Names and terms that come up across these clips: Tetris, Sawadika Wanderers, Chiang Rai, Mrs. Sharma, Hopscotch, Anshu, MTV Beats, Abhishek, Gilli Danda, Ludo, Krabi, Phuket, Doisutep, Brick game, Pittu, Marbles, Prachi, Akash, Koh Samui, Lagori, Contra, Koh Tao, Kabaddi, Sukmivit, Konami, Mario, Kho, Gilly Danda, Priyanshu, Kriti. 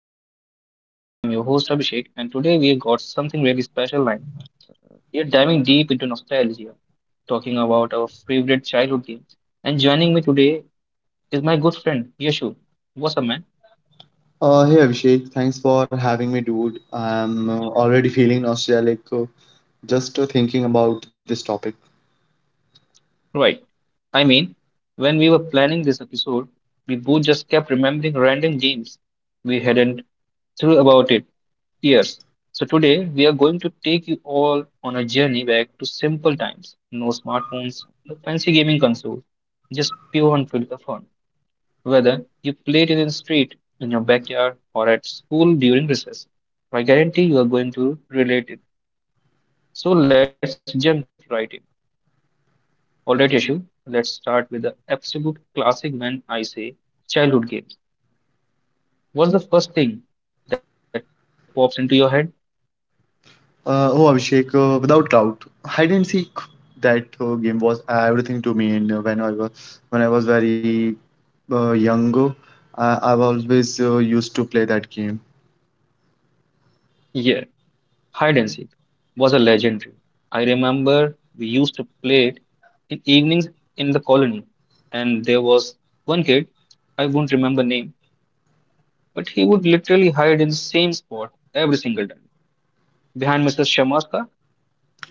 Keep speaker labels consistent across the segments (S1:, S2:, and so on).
S1: episode. I'm your host Abhishek, and today we've got something really special lined. We're diving deep into nostalgia, talking about our favorite childhood games. And joining me today is my good friend Yashu. What's up, man?
S2: Hey Abhishek, thanks for having me, dude. I'm already feeling nostalgic just thinking about this topic.
S1: Right. I mean, when we were planning this episode, we both just kept remembering random games we hadn't thought about it years. So today we are going to take you all on a journey back to simple times. No smartphones, no fancy gaming consoles, just pure unfiltered fun. Whether you played it in the street, in your backyard, or at school during recess, I guarantee you are going to relate it. So let's jump right in. Alright, Yashu, let's start with the absolute classic. When I say childhood games, what's the first thing that pops into your head?
S2: Oh, Abhishek, without doubt, hide and seek, that game was everything to me. And when I was very young, I've always used to play that game.
S1: Yeah. Hide and seek was a legendary. I remember we used to play it in evenings in the colony, and there was one kid, I won't remember name, but he would literally hide in the same spot every single time. Behind Mrs. Sharma's car,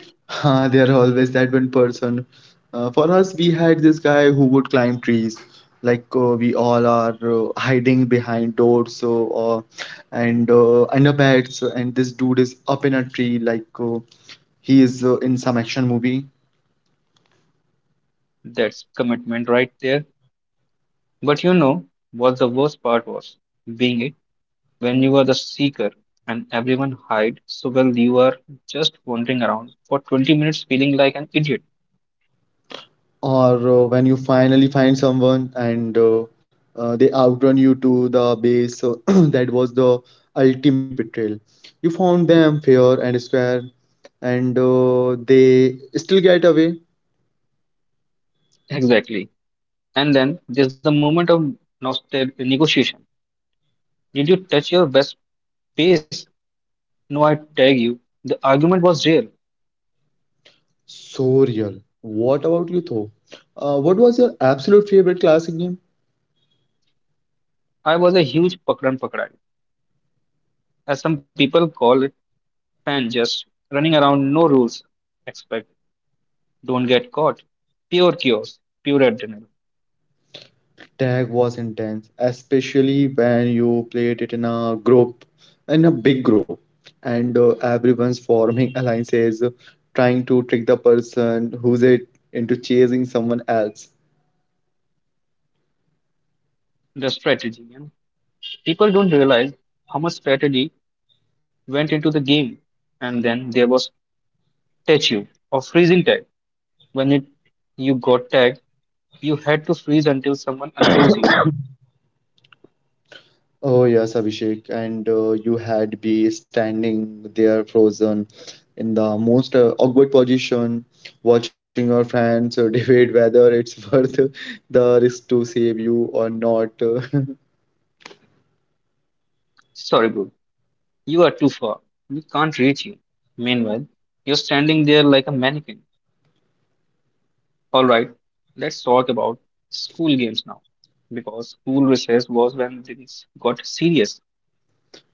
S2: There are always that one person. For us, we had this guy who would climb trees. Like we all are hiding behind doors, so uh, and under beds, and this dude is up in a tree, like he is in some action movie.
S1: that's commitment right there. But you know what the worst part was? Being it when you are the seeker and everyone hide so well you are just wandering around for 20 minutes feeling like an idiot.
S2: Or when you finally find someone and they outrun you to the base, so that was the ultimate betrayal. You found them fair and square, and they still get away.
S1: Exactly. And then there's the moment of negotiation. Did you touch your best face? No, I tag you. The argument was real.
S2: So real. What about you, though? What was your absolute favorite classic game?
S1: I was a huge pakran pakrai, as some people call it, fan just running around, no rules. Expect, don't get caught. Pure chaos, pure adrenaline.
S2: Tag was intense, especially when you played it in a group, in a big group, and everyone's forming alliances, trying to trick the person who's it into chasing someone else.
S1: The strategy, you know. People don't realize how much strategy went into the game. And then there was touch you or freezing tag. When it you got tagged, you had to freeze until someone unfroze you.
S2: Oh yes, Abhishek, and you had be standing there frozen in the most awkward position, watching your friends debate whether it's worth the risk to save you or not.
S1: Sorry, bro. You are too far. We can't reach you. Meanwhile, you're standing there like a mannequin. Alright, let's talk about school games now, because school recess was when things got serious.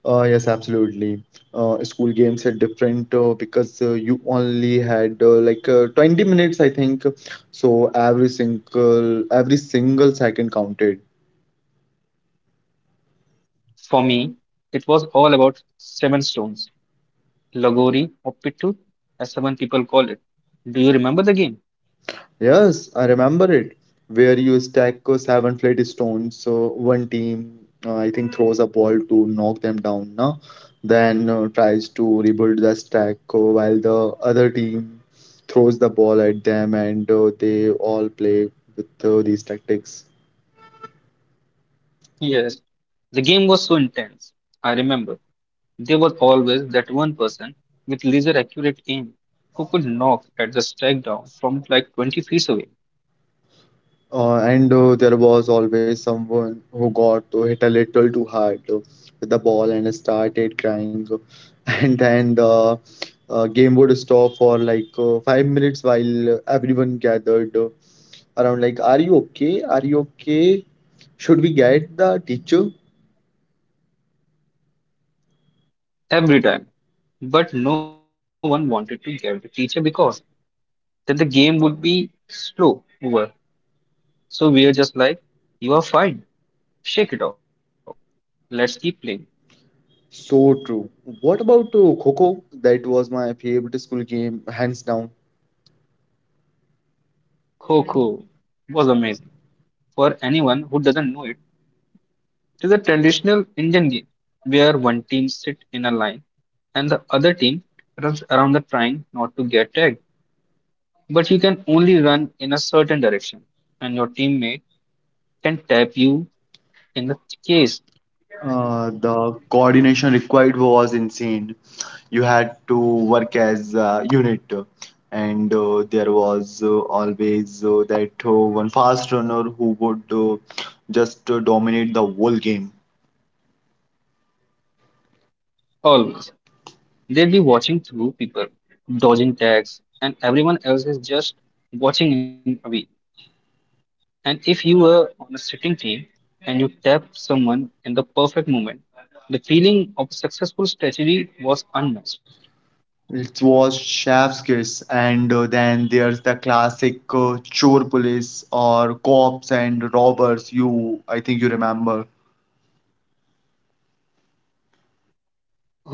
S2: Yes, absolutely. School games are different because you only had like 20 minutes, I think. So every single second counted.
S1: For me, it was all about seven stones, Lagori or Pittu, as seven people call it. Do you remember the game?
S2: Yes, I remember it. Where you stack seven flat stones, so one team, I think, throws a ball to knock them down, now. Then tries to rebuild the stack while the other team throws the ball at them, and they all play with these tactics.
S1: Yes. The game was so intense. I remember. There was always that one person with laser accurate aim who could knock at the strike down from like 20 feet away
S2: And there was always someone who got hit a little too hard with the ball and started crying. And then the game would stop for like 5 minutes while everyone gathered around, like, are you okay? Are you okay? Should we get the teacher?
S1: every time. But no one wanted to get the teacher because then the game would be slow over. So we are just like, you are fine, shake it off, let's keep playing.
S2: So true. What about Coco? That was my favorite school game, hands down.
S1: Kho was amazing. For anyone who doesn't know it, it is a traditional Indian game where one team sit in a line and the other team runs around the trying not to get tagged, but you can only run in a certain direction, and your teammate can tap you in the case
S2: The coordination required was insane. You had to work as a unit, and there was always that one fast runner who would just dominate the whole game.
S1: always. They'll be watching through people, dodging tags, and everyone else is just watching in away. And if you were on a sitting team and you tapped someone in the perfect moment, the feeling of successful strategy was unmatched.
S2: It was chef's kiss, and then there's the classic chore police or cops and robbers, you, I think, you remember.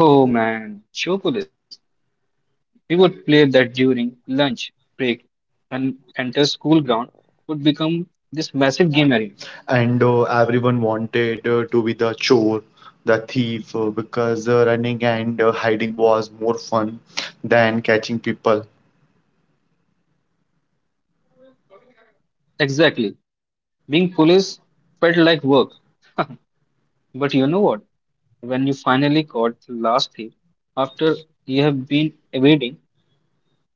S1: Oh man, show police. We would play that during lunch break and enter school ground would become this massive game arena.
S2: And everyone wanted to be the chore, the thief because running and hiding was more fun than catching people.
S1: Exactly. Being police felt like work. But you know what? When you finally got the last day, after you have been evading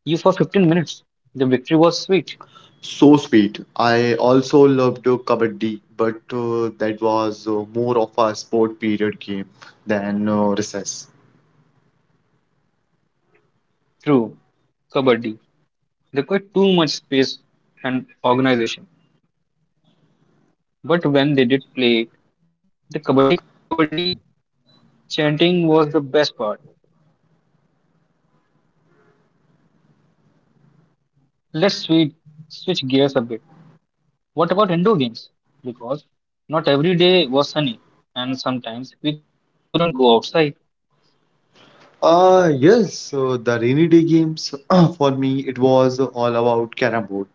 S1: you for 15 minutes, the victory was sweet.
S2: So sweet. I also loved Kabaddi, but that was more of a sport period game than recess.
S1: True, Kabaddi required too much space and organization. But when they did play, the Kabaddi Kabaddi chanting was the best part. Let's switch gears a bit. What about indoor games? Because not every day was sunny, and sometimes we couldn't go outside.
S2: Ah, yes, the rainy day games. For me, it was all about carom board.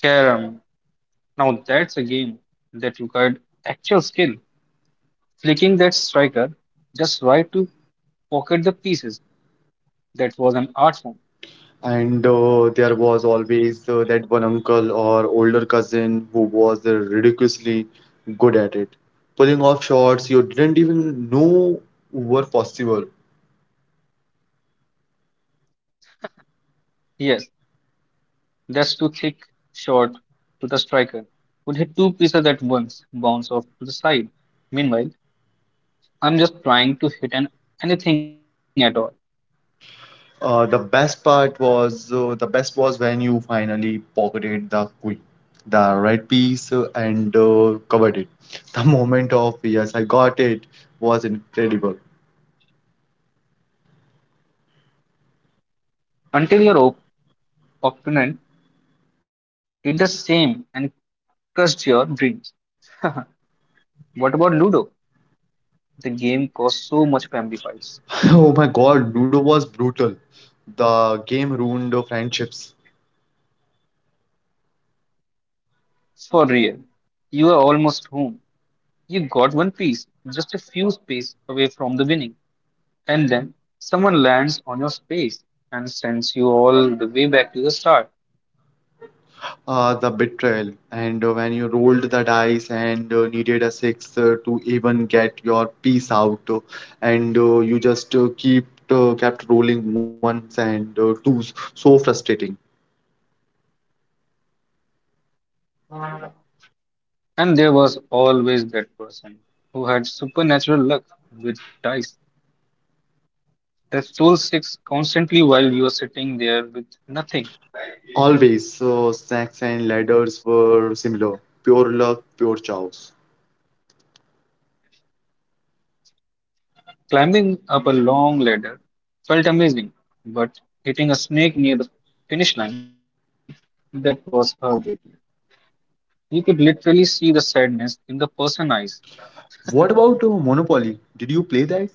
S1: Carom, now that's a game that required actual skill. Flicking that striker just right to pocket the pieces. That was an art form.
S2: And there was always that one uncle or older cousin who was ridiculously good at it, pulling off shots you didn't even know were possible.
S1: Yes, that's too thick shot to the striker. Would hit two pieces at once, bounce off to the side. Meanwhile, I'm just trying to hit an anything at all.
S2: The best was when you finally pocketed the queen, the red piece, and covered it. The moment of yes, I got it was incredible.
S1: Until your opponent did the same and crushed your dreams. what about Ludo? The game caused so much family fights.
S2: Oh my God, Ludo was brutal. The game ruined friendships,
S1: For real. You are almost home. You got one piece, just a few space away from the winning, and then someone lands on your space and sends you all the way back to the start.
S2: the betrayal, and when you rolled the dice and needed a six to even get your piece out, and you just keep kept rolling ones and twos, so frustrating.
S1: And there was always that person who had supernatural luck with dice that stole six constantly while you were sitting there with nothing.
S2: Always. So snacks and ladders were similar. Pure luck, pure chaos.
S1: Climbing up a long ladder felt amazing, but hitting a snake near the finish line, that was heartbreaking. You could literally see the sadness in the person's eyes.
S2: What about Monopoly? Did you play that?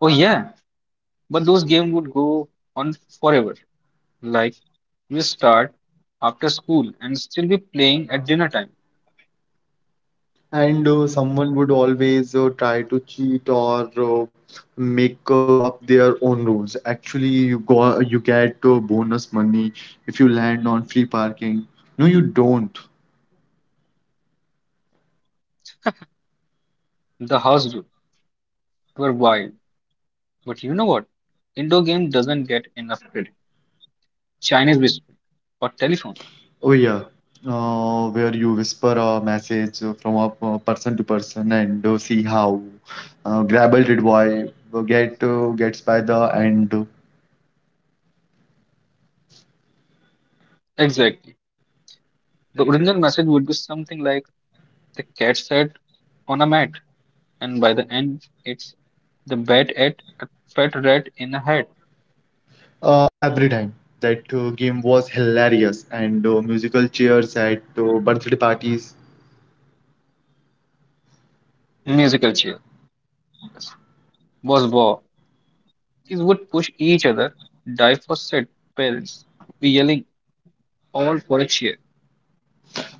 S1: Oh yeah, but those games would go on forever. Like we start after school and still be playing at dinner time.
S2: And someone would always try to cheat or make up their own rules. Actually, you go, you get bonus money if you land on free parking. No, you don't.
S1: The house rules were wild. But you know what? Indo game doesn't get enough credit. Chinese whisper or telephone.
S2: Oh yeah, where you whisper a message from a person to person and see how Grabble did why gets by the end.
S1: Exactly. The original message would be something like the cat sat on a mat, and by the end, it's the bat ate a pet rat in a hat.
S2: Every time. That game was hilarious, and musical cheers at birthday parties.
S1: Musical chairs was war. Kids would push each other, divorced parents be yelling all for a cheer.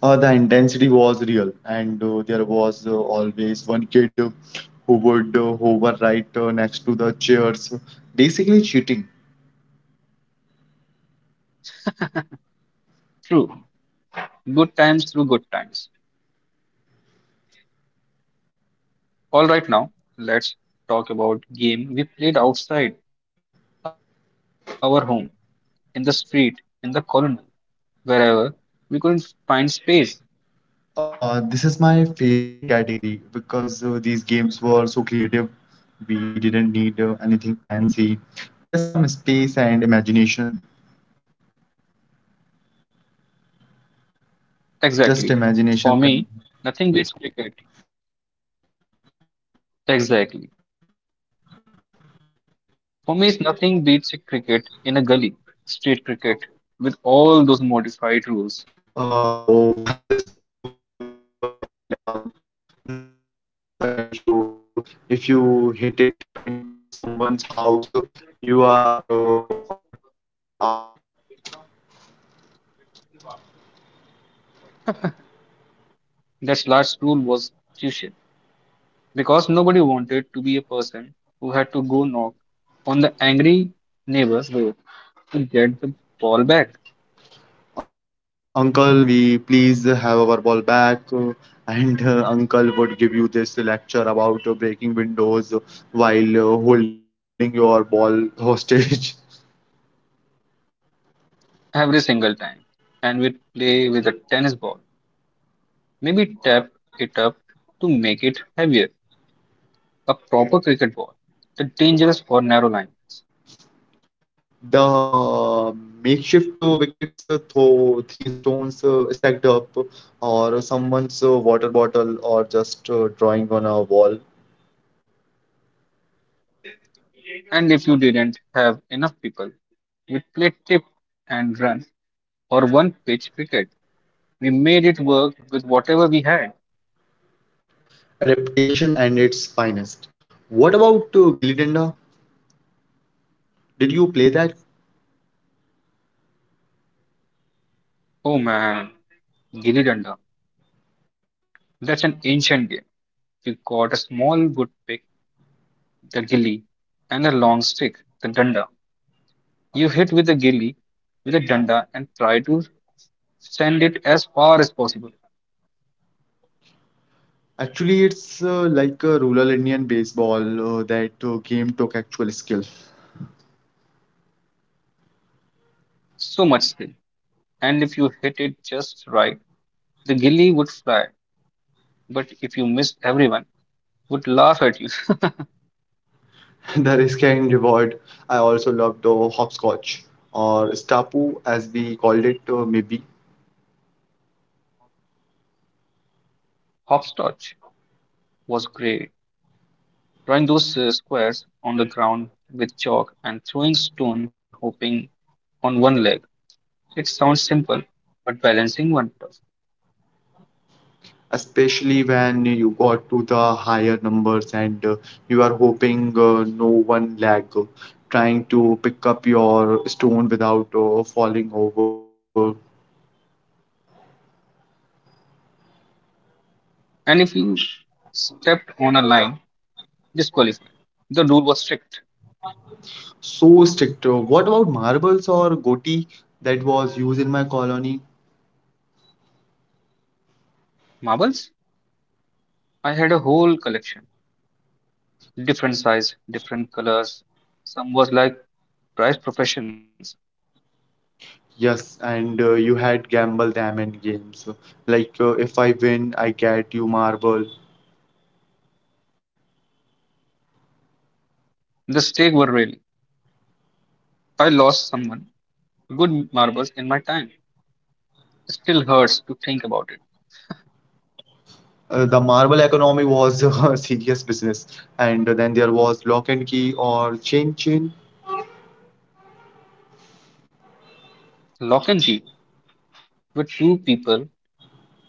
S2: The intensity was real, and there was always one kid who would hover right next to the chairs, basically cheating.
S1: True, good times through good times. All right, now let's talk about game we played outside our home, in the street, in the corner, wherever we couldn't find space.
S2: This is my favorite category because these games were so creative. We didn't need anything fancy, just some space and imagination. Just
S1: Exactly.
S2: imagination.
S1: For
S2: And,
S1: me, nothing beats cricket. Exactly. For me, it's nothing beats a cricket in a gully, street cricket, with all those modified rules.
S2: Just one tip, one hand out. No running for certain shots. If you hit it into someone's house, you are automatically out.
S1: That last rule was crucial because nobody wanted to be a person who had to go knock on the angry neighbor's door to get the ball back
S2: Uncle, can we please have our ball back? And uncle would give you this lecture about breaking windows while holding your ball hostage.
S1: every single time. And we'd play with a tennis ball, maybe tap it up to make it heavier, a proper cricket ball, the dangerous or narrow lines.
S2: The makeshift wickets, throw three stones stacked up, or someone's water bottle, or just drawing on a wall.
S1: And if you didn't have enough people, we played tip and run or one pitch cricket. We made it work with whatever we had.
S2: Adaptation and its finest. What about Gilly Danda? Did you play that?
S1: Oh man, Gilli Danda. That's an ancient game. You got a small wood pick, the gilli, and a long stick, the danda. You hit with the gilli with a danda and try to send it as far as possible.
S2: Actually, it's like a rural Indian baseball. That game took actual skill.
S1: So much skill. And if you hit it just right, the gilli would fly. But if you missed, everyone would laugh at you.
S2: The risk and reward. I also loved hopscotch or stapu, as we called it, maybe,
S1: Hopscotch was great. Drawing those squares on the ground with chalk and throwing stone, hopping on one leg. It sounds simple, but balancing one tough.
S2: especially when you got to the higher numbers and you are hoping no one lag, trying to pick up your stone without falling over.
S1: And if you stepped on a line, disqualified. The rule was strict.
S2: So strict. What about marbles or goti that was used in my colony?
S1: Marbles? I had a whole collection. Different size, different colors. Some was like prize professions.
S2: Yes, and you had gamble diamond games. Like if I win, I get you marble.
S1: The stake were really. I lost someone. Good marbles in my time. It still hurts to think about it.
S2: The marble economy was a serious business, and then there was lock and key or chain chain.
S1: Lock and key, where two people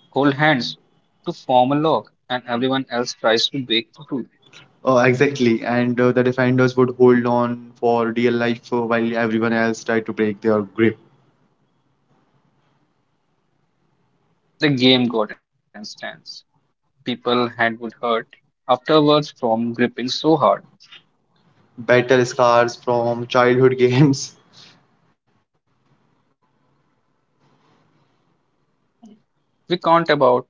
S1: hold hands to form a lock and everyone else tries to break through.
S2: Exactly, and the defenders would hold on for dear life while everyone else tried to break their grip.
S1: The game got intense. People's hand would hurt afterwards from gripping so hard.
S2: Battle scars from childhood games.
S1: We can't about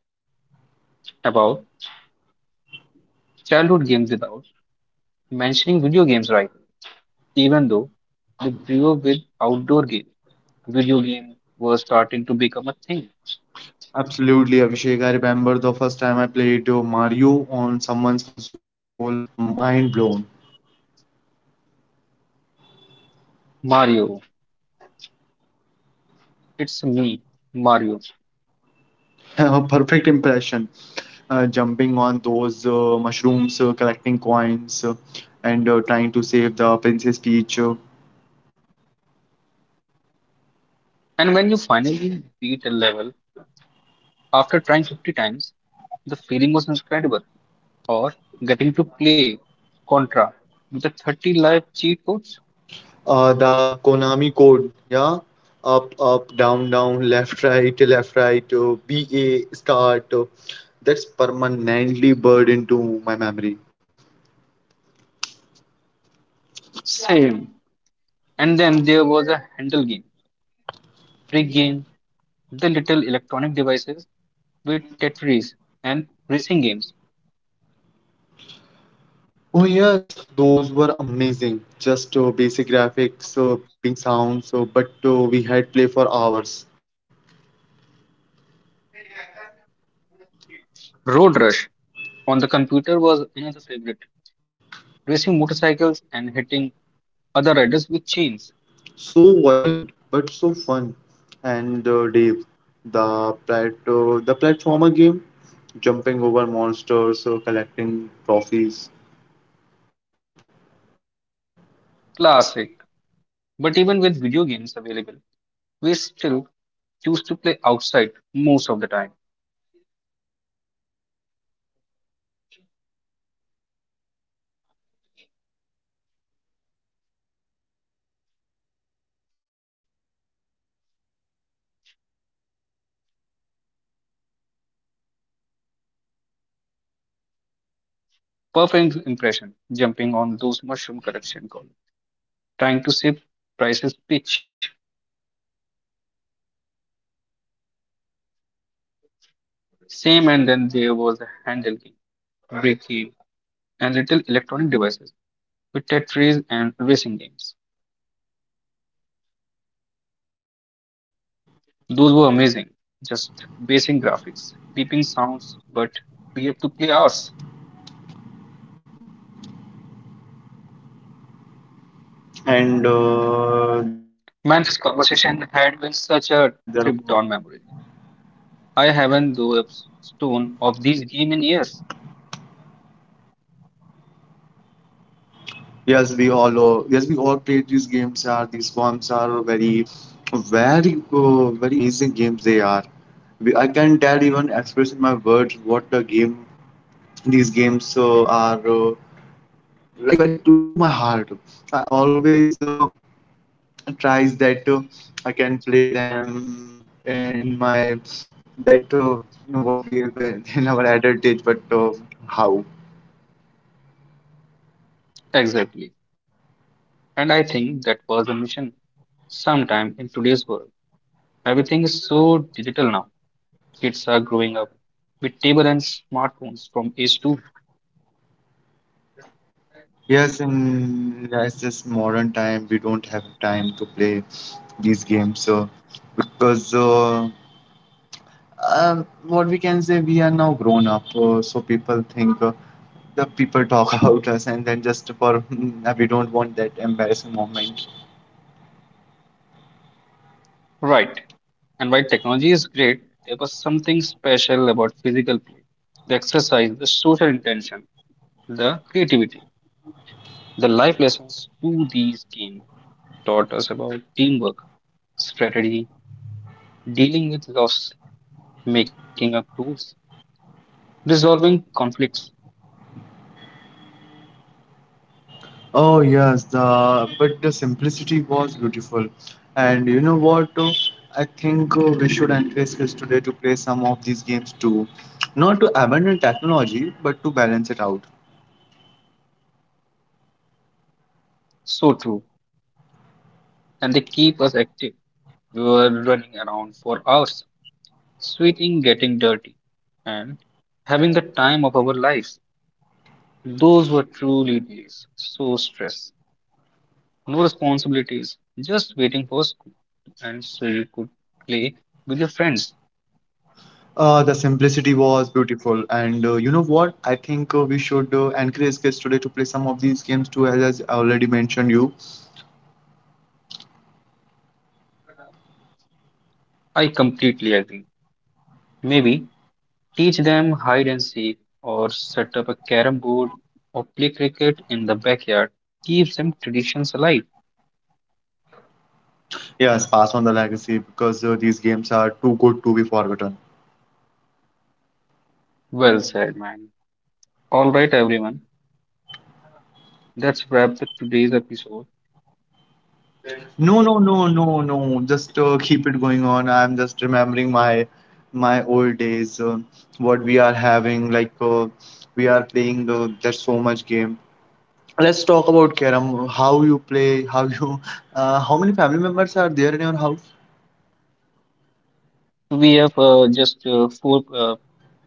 S1: about childhood games without mentioning video games right. Even though we grew up with outdoor games, video games were starting to become a thing.
S2: Absolutely, Abhishek. I remember the first time I played Mario on someone's console. Mind blown.
S1: Mario, it's me, Mario.
S2: Perfect impression. Jumping on those mushrooms, collecting coins, and trying to save the Princess Peach.
S1: And when you finally beat a level after trying 50 times, the feeling was incredible. Or getting to play Contra with the 30 live cheat codes,
S2: The Konami code, yeah. Up, up, down, down, left, right, BA, start. That's permanently burned into my memory.
S1: same. And then there was a handle game. Brick game, the little electronic devices with Tetris and racing games.
S2: Oh, yes, those were amazing. Just basic graphics, beeping sounds, but we had play for hours.
S1: Road Rush on the computer was another favorite. Racing motorcycles and hitting other riders with chains.
S2: So violent, but so fun. And Dave, the platformer game, jumping over monsters, collecting trophies.
S1: Classic. But even with video games available, we still choose to play outside most of the time.
S2: True, video games were like a treat, but outdoor games were the default or different games.
S1: Perfect impression, jumping on those mushroom correction calls, trying to save prices pitch. Same and then there was a handle game, brake game, and little electronic devices with Tetris and racing games. Those were amazing. Just basic graphics, beeping sounds, but we have to play ours.
S2: And there were.
S1: Man, this conversation had been such a trip down memory lane. I haven't though a stone of these game in years.
S2: Yes, we all yes, we all played these games. Are these forms are very amazing games they are. We, I can tell even express in my words what the game, these games are like very close to my heart. I always tries that I can play them in my, that you know, what we have been in our adult age, but how?
S1: Exactly. And I think that was the mission. Sometime in today's world, everything is so digital now. Kids are growing up with tablets, and smartphones from age two.
S2: Yes, in as just modern time, we don't have time to play these games. So, because what we can say, we are now grown up. So people think the people talk about us, and then just for we don't want that embarrassing moment.
S1: Right. And while technology is great, there was something special about physical play the exercise, the social intention, the creativity. The life lessons to these games taught us about teamwork, strategy, dealing with loss, making up rules, resolving conflicts.
S2: Oh yes, the but the simplicity was beautiful, and you know what? I think we should encourage kids today to play some of these games too, not to abandon technology, but to balance it out.
S1: So true. And they keep us active. We were running around for hours, sweating, getting dirty, and having the time of our lives. Those were truly days. So stress. No responsibilities, just waiting for school and so you could play with your friends.
S2: The simplicity was beautiful, and you know what? I think we should encourage kids today to play some of these games too, as I already mentioned you.
S1: I completely agree. Maybe teach them hide and seek or set up a carom board or play cricket in the backyard. Keep them traditions alive.
S2: Yes, pass on the legacy because these games are too good to be forgotten.
S1: Well said, man. All right, everyone. That's wrap up today's episode.
S2: No, no, no, no, no. Just keep it going on. I'm just remembering my old days. What we are having, like we are playing. There's so much game. Let's talk about Karam. How you play? How you? How many family members are there in your house?
S1: We have just four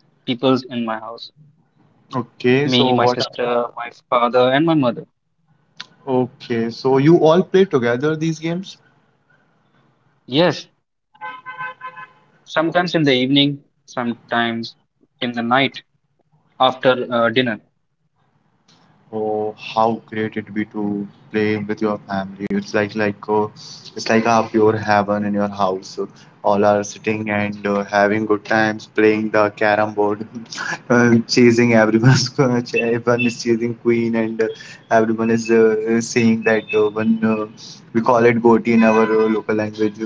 S1: peoples in my house.
S2: Okay,
S1: Me,
S2: so
S1: my
S2: what?
S1: sister, my father, and my mother.
S2: Okay, so you all play together these games?
S1: Yes, sometimes in the evening, sometimes in the night after dinner.
S2: Oh, how great it'd be to play with your family. It's like, like it's like a pure heaven in your house. All are sitting and having good times, playing the carom board, chasing everyone's everyone is chasing queen, and everyone is saying that one, we call it goti in our local language.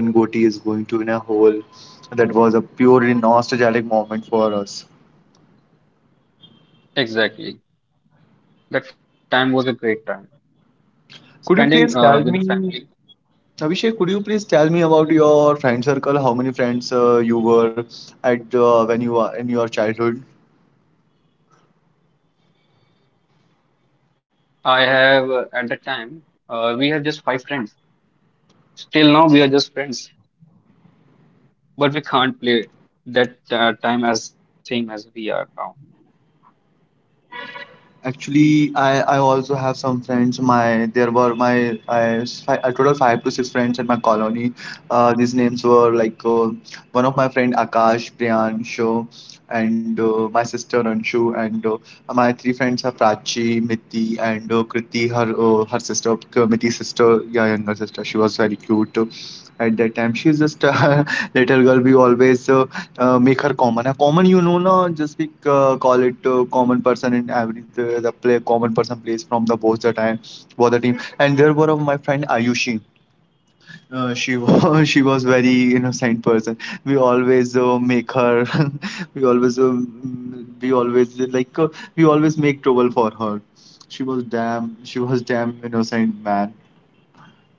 S2: One goti is going to in a hole. That was a purely nostalgic moment for us.
S1: Exactly. That time was a great time.
S2: Could you
S1: Spending
S2: please tell
S1: with the
S2: me?
S1: family.
S2: Abhishek, could you please tell me about your friend circle? How many friends you were at when you were in your childhood?
S1: I have, at the time, we have just five friends. Still now, we are just friends, but we can't play that time as same as we are now.
S2: Actually, I also have some friends. My there were my I, fi- a total five to six friends in my colony. These names were like one of my friend Akash, Priyanshu, and my sister Anshu, and my three friends are Prachi, Miti, and Kriti. Her sister, Miti's sister, yeah, younger sister. She was very cute at that time. She's just a little girl. We always make her common. A common, na, just we call it common person in every the play, common person plays from the both the time, both the team. And there were of my friend Ayushi. She was she was very innocent person. We always make her. we always mm, we always like We always make trouble for her. She was damn innocent man,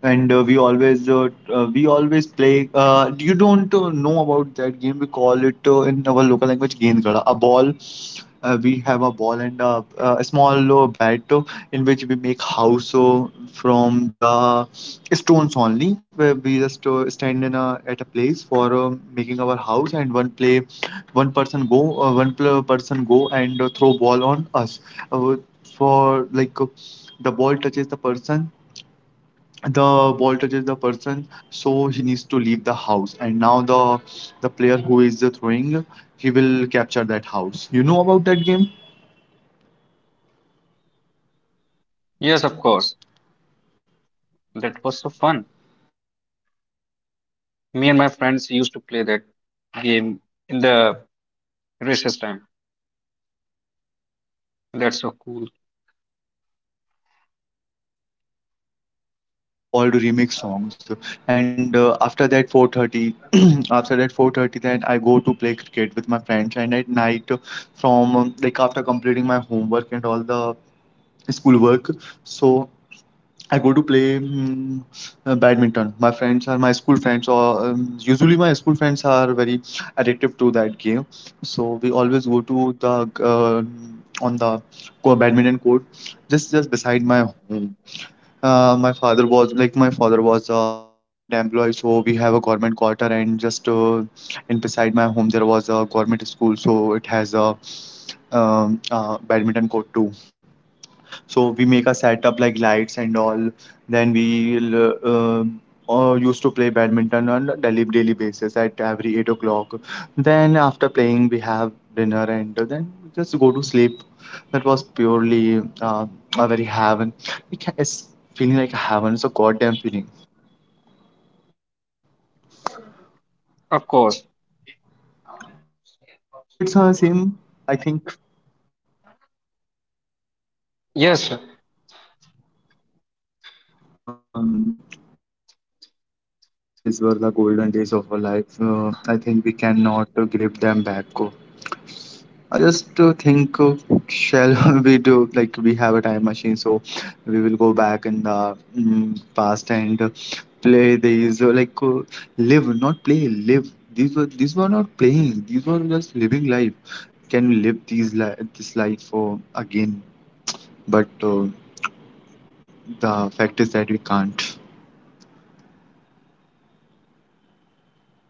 S2: and we always play. You don't know about that game. We call it in our local language "Gendgada." A ball. We have a ball and a small bat in which we make house from the stones only. Where we just stand at a place for making our house, and one person go, person go and throw ball on us. Uh, for like the ball touches the person the ball touches the person, so he needs to leave the house, and now the player who is throwing, he will capture that house. You know about that game?
S1: Yes, of course. That was so fun.
S2: Uh, The
S1: Me and my
S2: uh,
S1: friends
S2: childhood
S1: used to play
S2: memories
S1: that
S2: were very funny
S1: game
S2: moments,
S1: in
S2: yeah.
S1: the
S2: We always play
S1: recess
S2: cricket,
S1: time.
S2: and at night time, I actually I
S1: That's so
S2: remember
S1: cool.
S2: that on the MTV Beats on the channel, I listened the old remix songs, and after that 4:30, after that 4:30, then I go to play cricket with my friends, and at night, from like after completing my homework and all the school work, so I go to play badminton. My friends are my school friends, or usually my school friends are very addictive to that game. So we always go to uh, the badminton court, just beside my home. My father was a government employee, so we have a government quarter, and beside my home there was a government school, so it has a badminton court too. So we make a setup like lights and all. Then we used to play badminton on a daily basis at every 8 o'clock. Then after playing, we have dinner and then just go to sleep. That was purely a very heaven. It's feeling like a heaven. It's a goddamn feeling.
S1: Of course.
S2: You also did some same, I think.
S1: Yes, sir.
S2: Um, these days were the golden days of our life. I think we cannot grip them back. I just think, shall we do like we have a time machine, so we will go back in the past and play these like live, not play, live. These were not playing. These were just living life. Can we live these li this life again? But the fact is that we can't.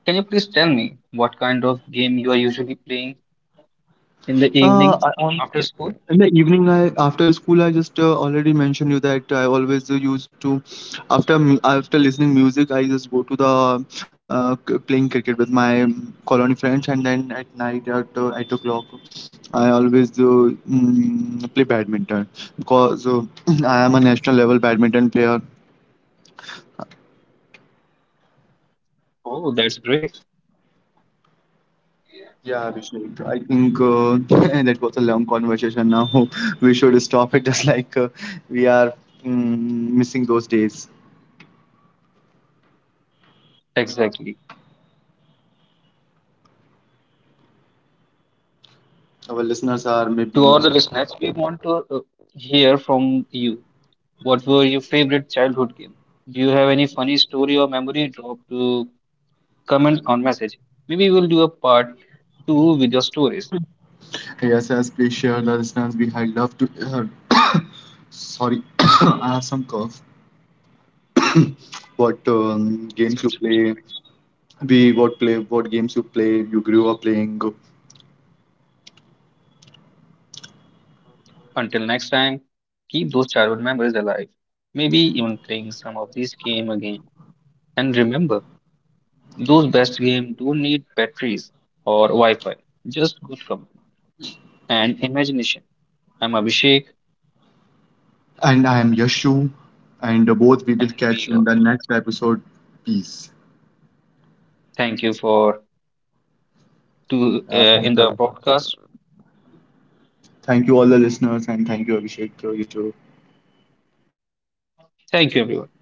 S1: Can you please tell me what kind of game you are usually playing in the
S2: Uh,
S1: evening
S2: I-
S1: after school?
S2: In the evening, I after school, I just already mentioned you that I always used to, after listening music, I just go to playing cricket with my colony friends, and then at night at 8 o'clock, I always play badminton because I am a national level badminton player.
S1: Oh, that's great.
S2: Yeah, Abhishek. I think that was a long conversation. Now we should stop it, just like we are missing those days.
S1: Exactly.
S2: Our listeners are
S1: To all
S2: maybe.
S1: the listeners, we want to hear from you. What were your favorite childhood game? Do you have any funny story or memory? Drop to comment on message. Maybe we'll do a part two with your stories.
S2: Yes, yes, please share the listeners. We had love to hear. Sorry, I have some cough. What
S1: That's
S2: games you
S1: absolutely fine.
S2: play? We what play? What games you play? You grew up playing.
S1: Until next time, keep those childhood memories alive. Maybe even playing some of these game again. And remember, those best games don't need batteries or Wi-Fi, just good company and imagination. I'm Abhishek,
S2: And I am Yashu, and both we
S1: and
S2: will
S1: we
S2: catch you
S1: are.
S2: in the next episode. Peace.
S1: Thank you for to in
S2: Thank
S1: the
S2: you.
S1: podcast.
S2: Thank you all the listeners, and thank you Abhishek. You too.
S1: Thank you, everyone.